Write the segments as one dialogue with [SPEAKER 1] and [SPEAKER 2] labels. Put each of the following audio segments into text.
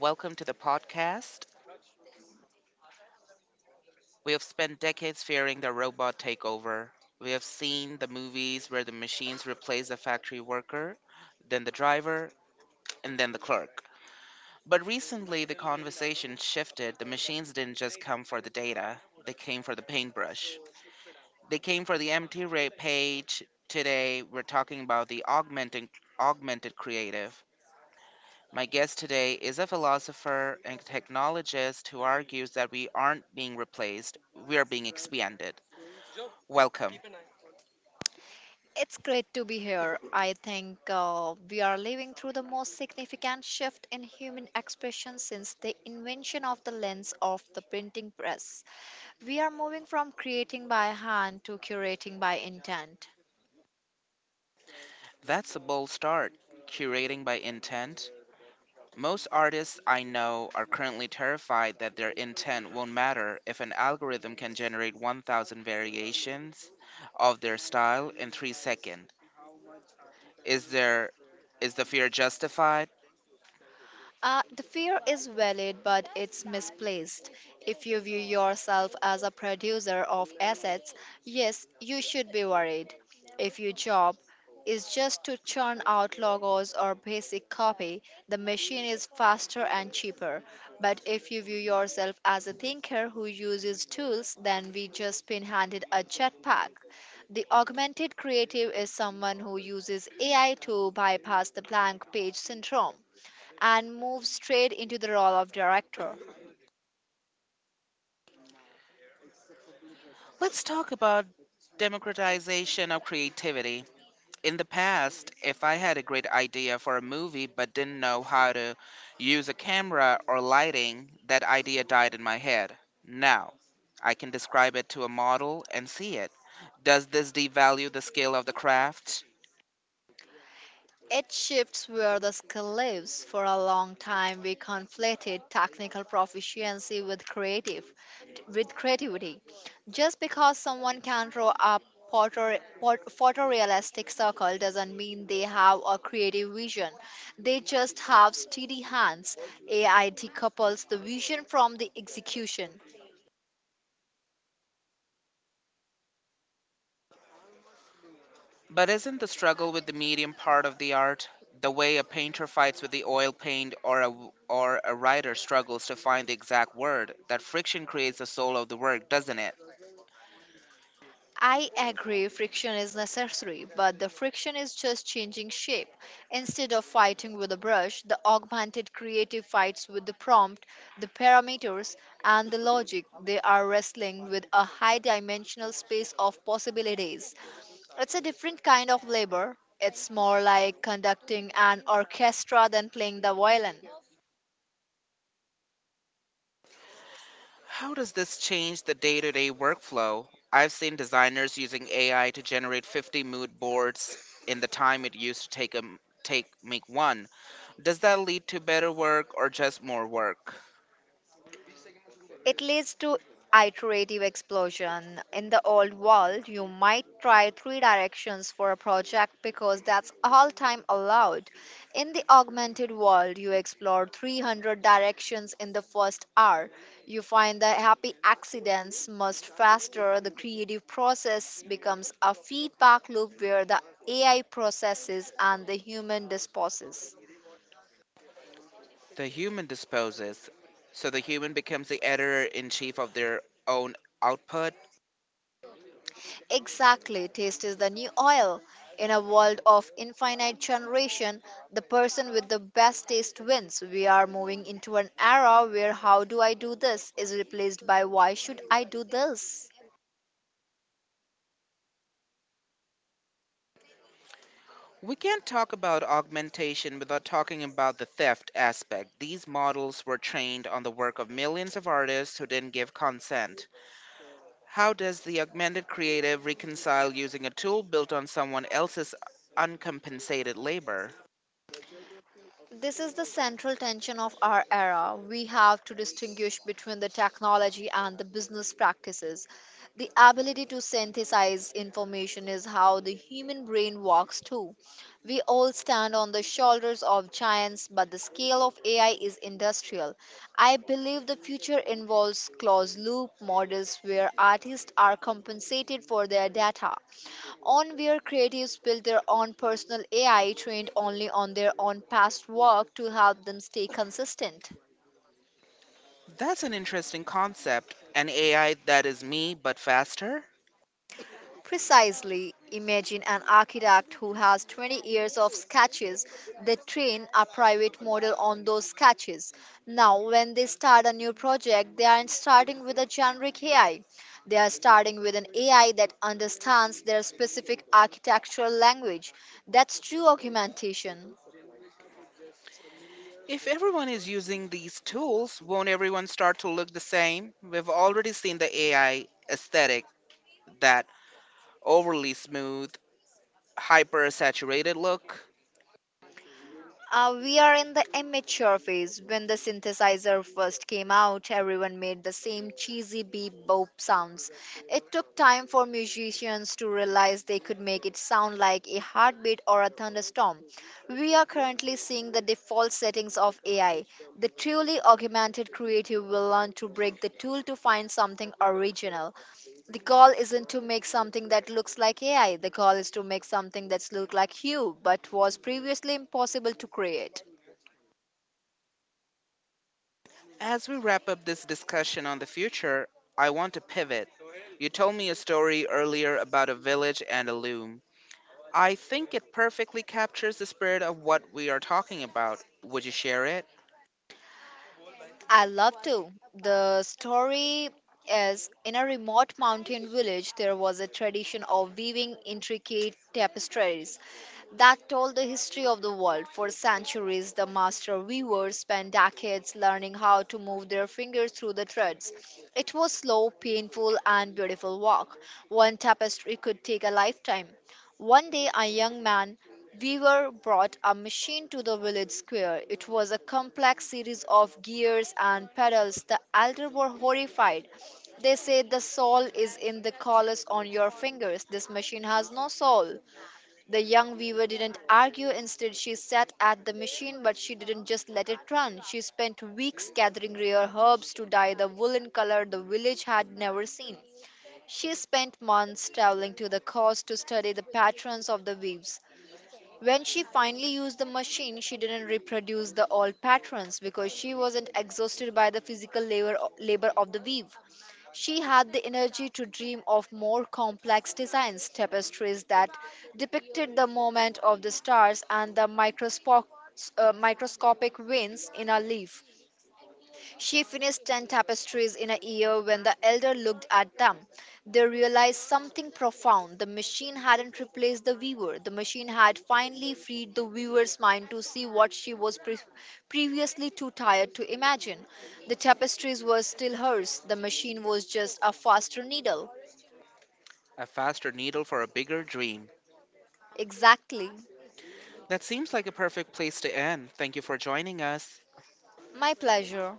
[SPEAKER 1] Welcome to the podcast. We have spent decades fearing the robot takeover. We have seen the movies where the machines replace the factory worker, then the driver, and then the clerk. But recently, the conversation shifted. The machines didn't just come for the data, they came for the paintbrush. They came for the empty page. Today, we're talking about the augmented creative. My guest today is a philosopher and technologist who argues that we aren't being replaced, we are being expanded. Welcome.
[SPEAKER 2] It's great to be here. I think we are living through the most significant shift in human expression since the invention of the lens of the printing press. We are moving from creating by hand to curating by intent.
[SPEAKER 1] That's a bold start, curating by intent. Most artists I know are currently terrified that their intent won't matter if an algorithm can generate 1,000 variations of their style in 3 seconds. Is there is the fear justified?
[SPEAKER 2] The fear is valid, but it's misplaced. If you view yourself as a producer of assets, yes, you should be worried. If your job is just to churn out logos or basic copy, the machine is faster and cheaper. But if you view yourself as a thinker who uses tools, then we just been handed a jetpack. The augmented creative is someone who uses AI to bypass the blank page syndrome and moves straight into the role of director.
[SPEAKER 1] Let's talk about democratization of creativity. In the past, if I had a great idea for a movie but didn't know how to use a camera or lighting, that idea died in my head. Now, I can describe it to a model and see it. Does this devalue the skill of the craft?
[SPEAKER 2] It shifts where the skill lives. For a long time, we conflated technical proficiency with creativity. Just because someone can draw a photorealistic circle doesn't mean they have a creative vision. They just have steady hands. AI decouples the vision from the execution.
[SPEAKER 1] But isn't the struggle with the medium part of the art? The way a painter fights with the oil paint or a writer struggles to find the exact word, that friction creates the soul of the work, doesn't it?
[SPEAKER 2] I agree friction is necessary, but the friction is just changing shape. Instead of fighting with a brush, the augmented creative fights with the prompt, the parameters, and the logic. They are wrestling with a high dimensional space of possibilities. It's a different kind of labor. It's more like conducting an orchestra than playing the violin.
[SPEAKER 1] How does this change the day to day workflow? I've seen designers using AI to generate 50 mood boards in the time it used to take, 'em- take make one. Does that lead to better work or just more work?
[SPEAKER 2] It leads to iterative explosion. In the old world, you might try three directions for a project because that's all time allowed. In the augmented world, you explore 300 directions in the first hour. You find that happy accidents must faster. The creative process becomes a feedback loop where the AI processes and the human disposes.
[SPEAKER 1] The human disposes, so the human becomes the editor in chief of their own output.
[SPEAKER 2] Exactly, taste is the new oil. In a world of infinite generation, the person with the best taste wins. We are moving into an era where how do I do this is replaced by why should I do this?
[SPEAKER 1] We can't talk about augmentation without talking about the theft aspect. These models were trained on the work of millions of artists who didn't give consent. How does the augmented creative reconcile using a tool built on someone else's uncompensated labor?
[SPEAKER 2] This is the central tension of our era. We have to distinguish between the technology and the business practices. The ability to synthesize information is how the human brain works too. We all stand on the shoulders of giants, but the scale of AI is industrial. I believe the future involves closed loop models where artists are compensated for their data on where creatives build their own personal AI trained only on their own past work to help them stay consistent.
[SPEAKER 1] That's an interesting concept. An AI that is me, but faster?
[SPEAKER 2] Precisely, imagine an architect who has 20 years of sketches. They train a private model on those sketches. Now, when they start a new project, they aren't starting with a generic AI. They are starting with an AI that understands their specific architectural language. That's true augmentation.
[SPEAKER 1] If everyone is using these tools, won't everyone start to look the same? We've already seen the AI aesthetic, that overly smooth, hyper saturated look.
[SPEAKER 2] We are in the amateur phase. When the synthesizer first came out, everyone made the same cheesy beep boop sounds. It took time for musicians to realize they could make it sound like a heartbeat or a thunderstorm. We are currently seeing the default settings of AI. The truly augmented creative will learn to break the tool to find something original. The goal isn't to make something that looks like AI. The goal is to make something that's look like you, but was previously impossible to create.
[SPEAKER 1] As we wrap up this discussion on the future, I want to pivot. You told me a story earlier about a village and a loom. I think it perfectly captures the spirit of what we are talking about. Would you share it?
[SPEAKER 2] I love to. The story is in a remote mountain village, there was a tradition of weaving intricate tapestries that told the history of the world. For centuries, the master weavers spent decades learning how to move their fingers through the threads. It was slow, painful, and beautiful work. One tapestry could take a lifetime. One day, a young man Weaver brought a machine to the village square. It was a complex series of gears and pedals. The elder were horrified. They said the soul is in the callus on your fingers. This machine has no soul. The young weaver didn't argue. Instead, she sat at the machine, but she didn't just let it run. She spent weeks gathering rare herbs to dye the woolen color the village had never seen. She spent months traveling to the coast to study the patterns of the weaves. When she finally used the machine, she didn't reproduce the old patterns because she wasn't exhausted by the labor of the weave. She had the energy to dream of more complex designs, tapestries that depicted the movement of the stars and the microscopic veins in a leaf. She finished 10 tapestries in a year when the elder looked at them. They realized something profound. The machine hadn't replaced the weaver. The machine had finally freed the weaver's mind to see what she was previously too tired to imagine. The tapestries were still hers. The machine was just a faster needle.
[SPEAKER 1] A faster needle for a bigger dream.
[SPEAKER 2] Exactly.
[SPEAKER 1] That seems like a perfect place to end. Thank you for joining us.
[SPEAKER 2] My pleasure.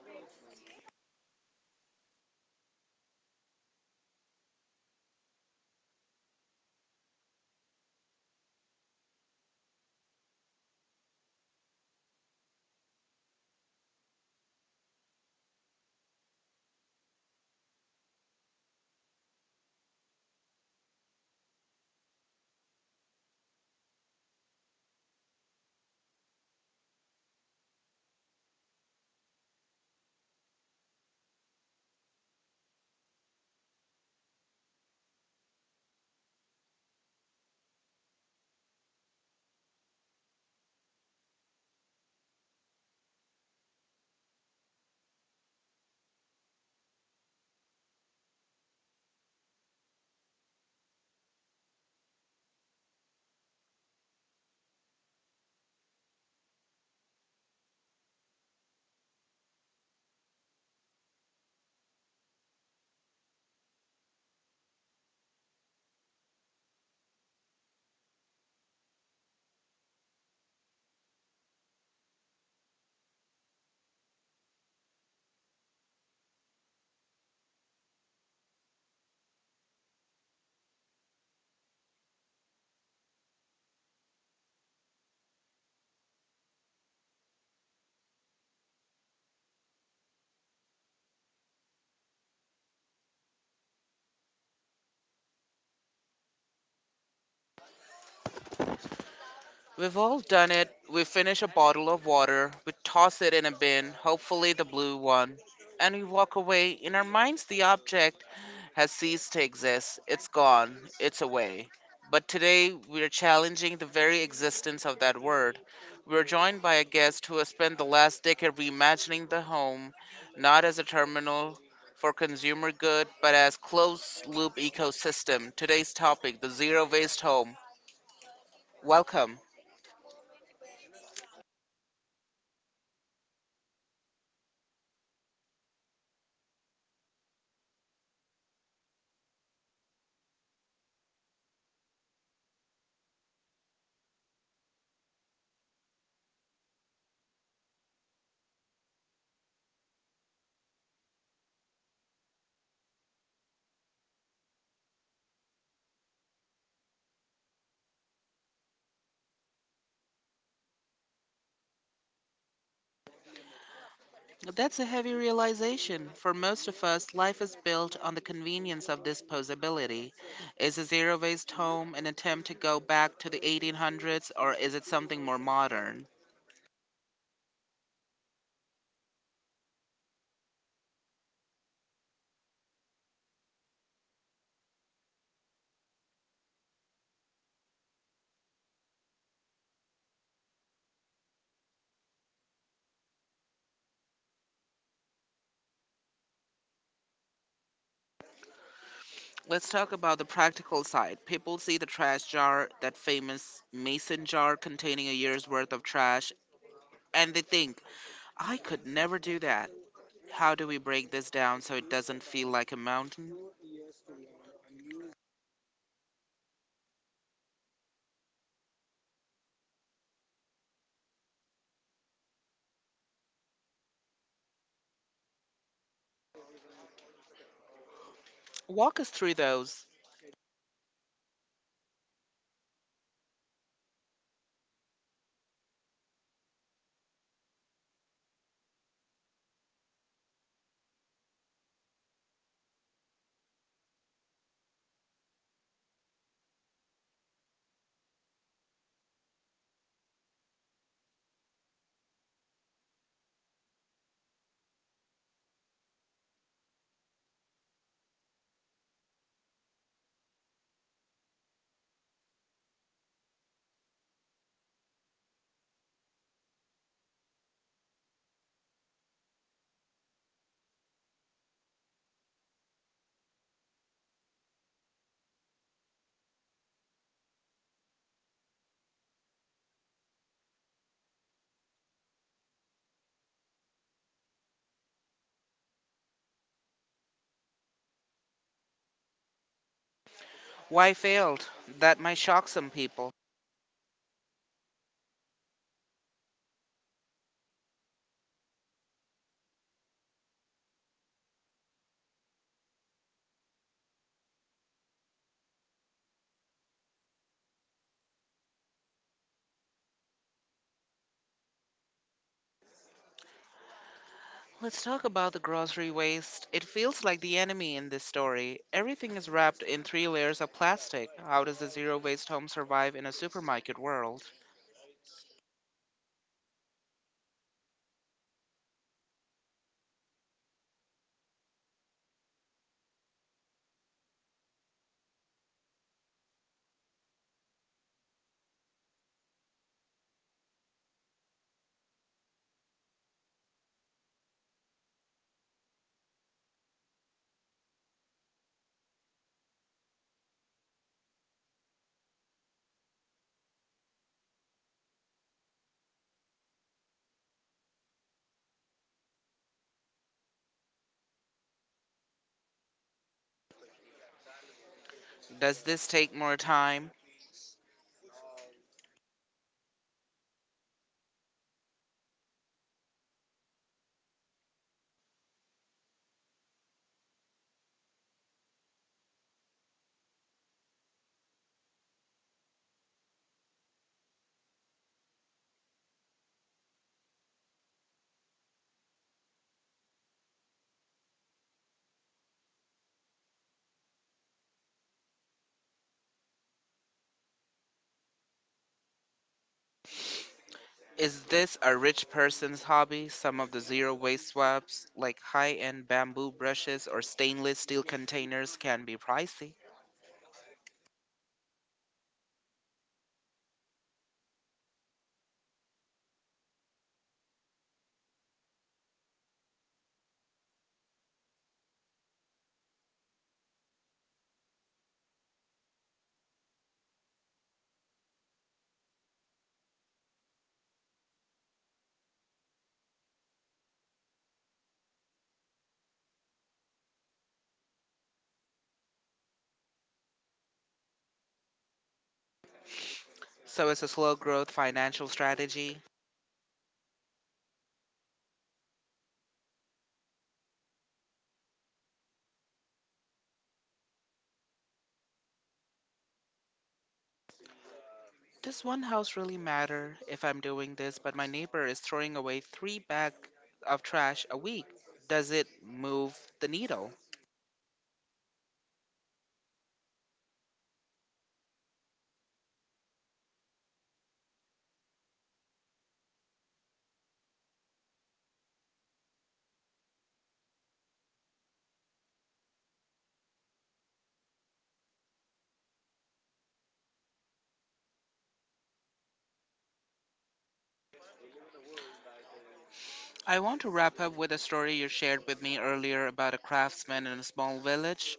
[SPEAKER 1] We've all done it. We finish a bottle of water, we toss it in a bin, hopefully the blue one, and we walk away. In our minds, the object has ceased to exist. It's gone, it's away. But today, we are challenging the very existence of that word. We're joined by a guest who has spent the last decade reimagining the home, not as a terminal for consumer good, but as closed loop ecosystem. Today's topic, the zero waste home. Welcome. That's a heavy realization. For most of us, life is built on the convenience of disposability. Is a zero waste home an attempt to go back to the 1800s or is it something more modern? Let's talk about the practical side. People see the trash jar, that famous mason jar containing a year's worth of trash, and they think, I could never do that. How do we break this down so it doesn't feel like a mountain? Walk us through those. Why failed? That might shock some people. Let's talk about the grocery waste. It feels like the enemy in this story. Everything is wrapped in three layers of plastic. How does a zero waste home survive in a supermarket world? Does this take more time? Is this a rich person's hobby? Some of the zero waste swabs, like high end bamboo brushes or stainless steel containers, can be pricey. So it's a slow growth financial strategy. Does one house really matter if I'm doing this, but my neighbor is throwing away three bags of trash a week? Does it move the needle? I want to wrap up with a story you shared with me earlier about a craftsman in a small village.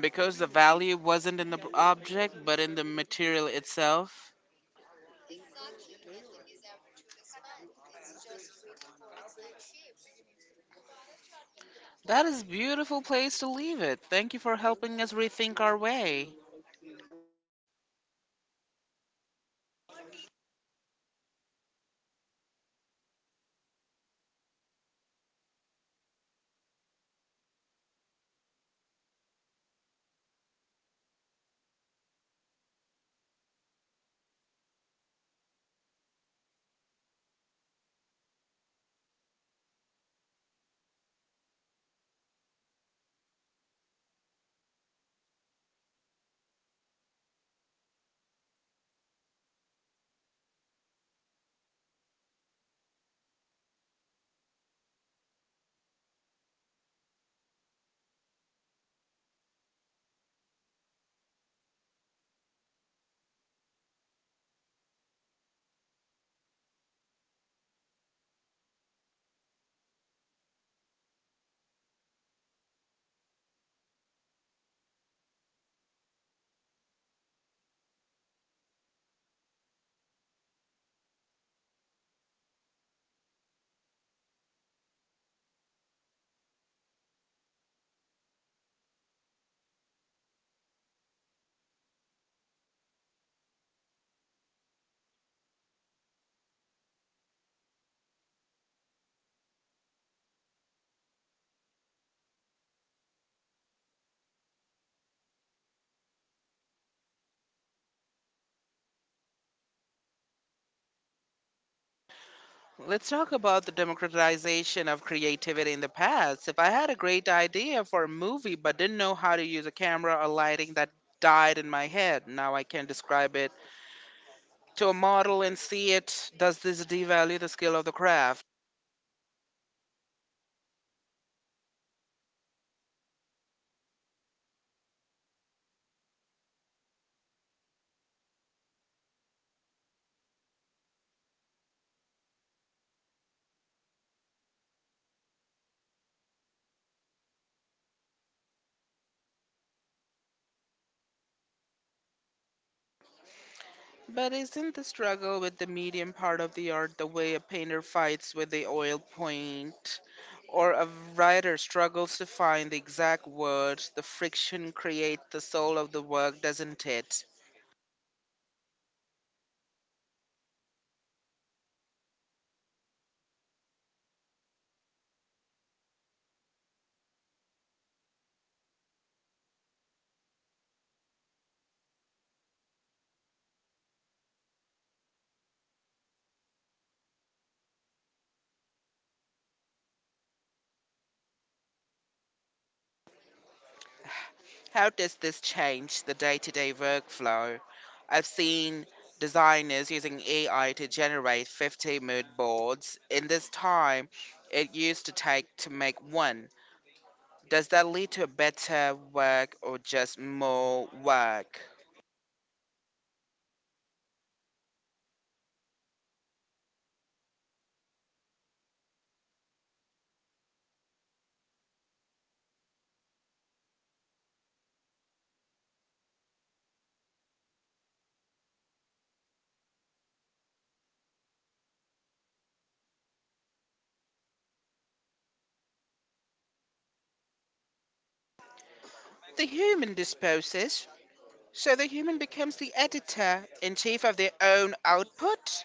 [SPEAKER 1] Because the value wasn't in the object, but in the material itself. That is a beautiful place to leave it. Thank you for helping us rethink our way. Let's talk about the democratization of creativity in the past. If I had a great idea for a movie but didn't know how to use a camera or lighting, that died in my head. Now I can describe it to a model and see it. Does this devalue the skill of the craft? But isn't the struggle with the medium part of the art the way a painter fights with the oil paint? Or a writer struggles to find the exact words? The friction creates the soul of the work, doesn't it? How does this change the day to day workflow? I've seen designers using AI to generate 50 mood boards. In this time, it used to take to make one. Does that lead to better work or just more work? The human disposes, so the human becomes the editor in chief of their own output.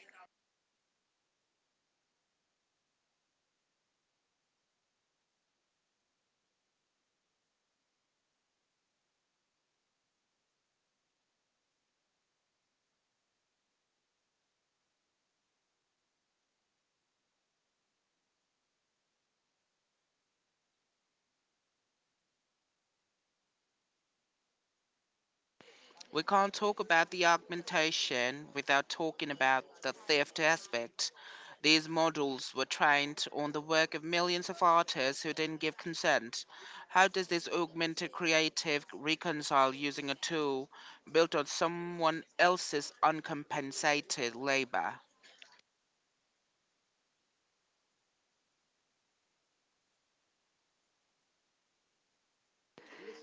[SPEAKER 1] We can't talk about the augmentation without talking about the theft aspect. These models were trained on the work of millions of artists who didn't give consent. How does this augmented creative reconcile using a tool built on someone else's uncompensated labor?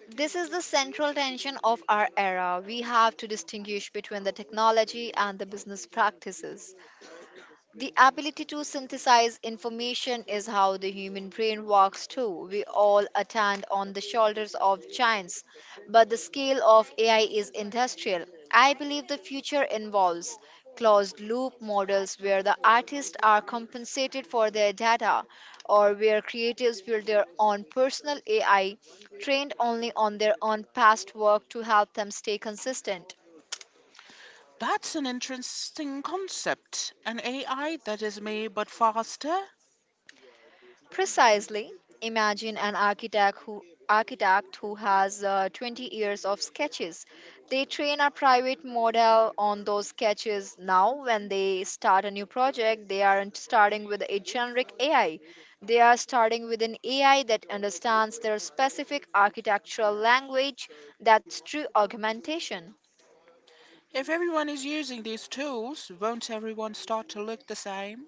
[SPEAKER 2] This is the central tension of our era. We have to distinguish between the technology and the business practices. The ability to synthesize information is how the human brain works too. We all attend on the shoulders of giants, but the scale of AI is industrial. I believe the future involves closed loop models where the artists are compensated for their data or where creatives build their own personal AI trained only on their own past work to help them stay consistent.
[SPEAKER 1] That's an interesting concept. An AI that is me but faster?
[SPEAKER 2] Precisely. Imagine an architect who has 20 years of sketches. They train a private model on those sketches. Now when they start a new project, they aren't starting with a generic AI. They are starting with an AI that understands their specific architectural language. That's true augmentation.
[SPEAKER 1] If everyone is using these tools, won't everyone start to look the same?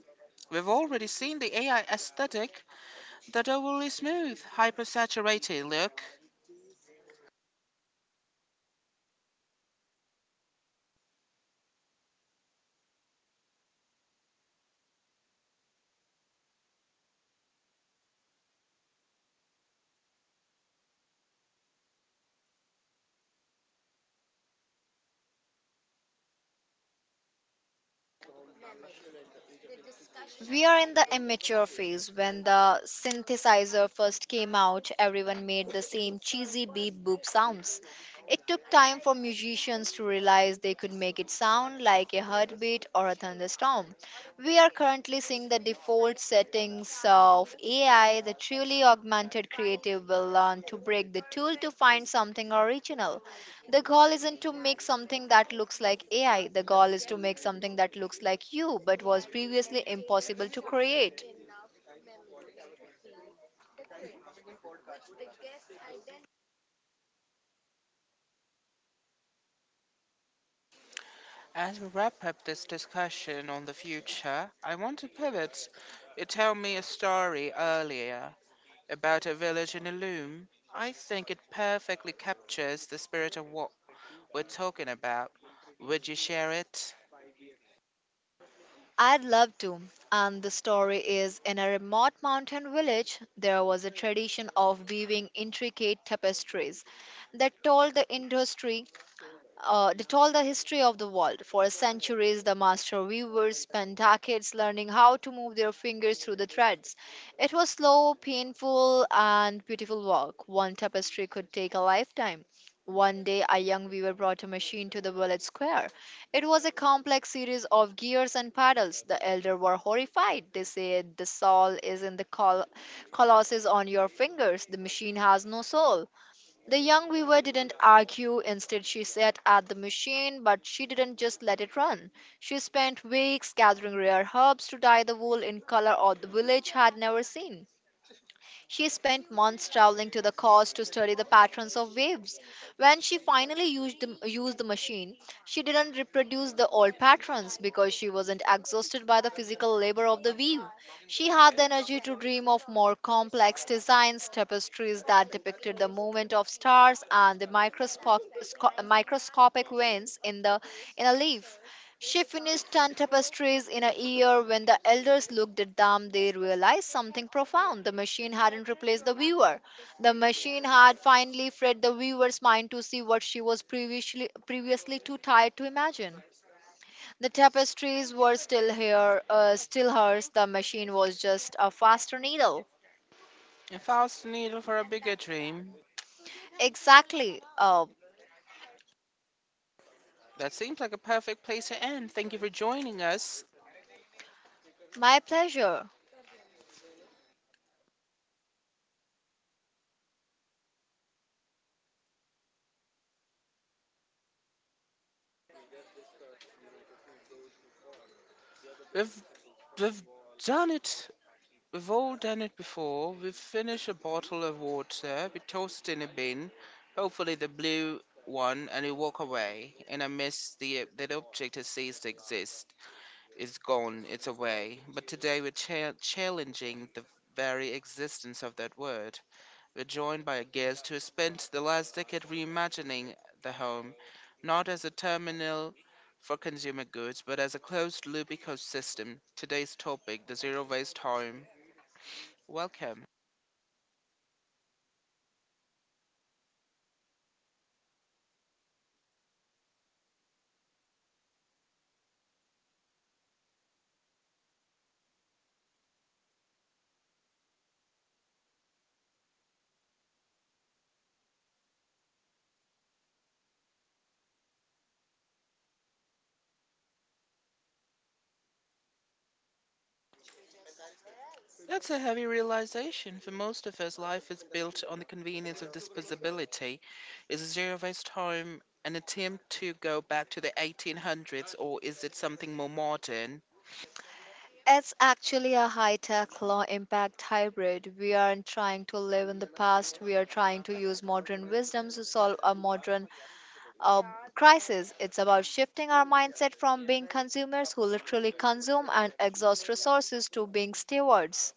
[SPEAKER 1] We've already seen the AI aesthetic, that overly smooth, hypersaturated look.
[SPEAKER 2] We are in the immature phase. When the synthesizer first came out, everyone made the same cheesy beep boop sounds. It took time for musicians to realize they could make it sound like a heartbeat or a thunderstorm. We are currently seeing the default settings of AI. The truly augmented creative will learn to break the tool to find something original. The goal isn't to make something that looks like AI. The goal is to make something that looks like you but was previously impossible to create.
[SPEAKER 1] As we wrap up this discussion on the future, I want to pivot. You told me a story earlier about a village in a loom. I think it perfectly captures the spirit of what we're talking about. Would you share it?
[SPEAKER 2] I'd love to. And the story is in a remote mountain village, there was a tradition of weaving intricate tapestries that told the industry they told the history of the world. For centuries, the master weavers spent decades learning how to move their fingers through the threads. It was slow, painful, and beautiful work. One tapestry could take a lifetime. One day, a young weaver brought a machine to the village square. It was a complex series of gears and paddles. The elder were horrified. They said, the soul is in the colossus on your fingers. The machine has no soul. The young weaver didn't argue. Instead, she sat at the machine, but she didn't just let it run. She spent weeks gathering rare herbs to dye the wool in color or the village had never seen. She spent months traveling to the coast to study the patterns of waves. When she finally used the machine, she didn't reproduce the old patterns because she wasn't exhausted by the physical labor of the weave. She had the energy to dream of more complex designs, tapestries that depicted the movement of stars and the microscopic veins in the in a leaf. She finished 10 tapestries in a year. When the elders looked at them, they realized something profound. The machine hadn't replaced the weaver. The machine had finally freed the weaver's mind to see what she was previously too tired to imagine. The tapestries were still hers. The machine was just a faster needle.
[SPEAKER 1] If I was the needle for a bigger dream,
[SPEAKER 2] Exactly. Uh,
[SPEAKER 1] that seems like a perfect place to end. Thank you for joining us.
[SPEAKER 2] my pleasure.
[SPEAKER 1] We've we've done it. We've all done it before. We've finished a bottle of water. We tossed in a bin, hopefully the blue one, and we walk away. And I miss the that object has ceased to exist. It's gone. It's away. But today we're challenging the very existence of that word. We're joined by a guest who spent the last decade reimagining the home, not as a terminal for consumer goods, but as a closed loop ecosystem. Today's topic the zero waste home. Welcome. That's a heavy realization. For most of us, life is built on the convenience of disposability. Is a zero waste home an attempt to go back to the 1800s, or is it something more modern?
[SPEAKER 2] It's actually a high tech, low impact hybrid. We aren't trying to live in the past, we are trying to use modern wisdoms to solve a modern uh, crisis. It's about shifting our mindset from being consumers who literally consume and exhaust resources to being stewards.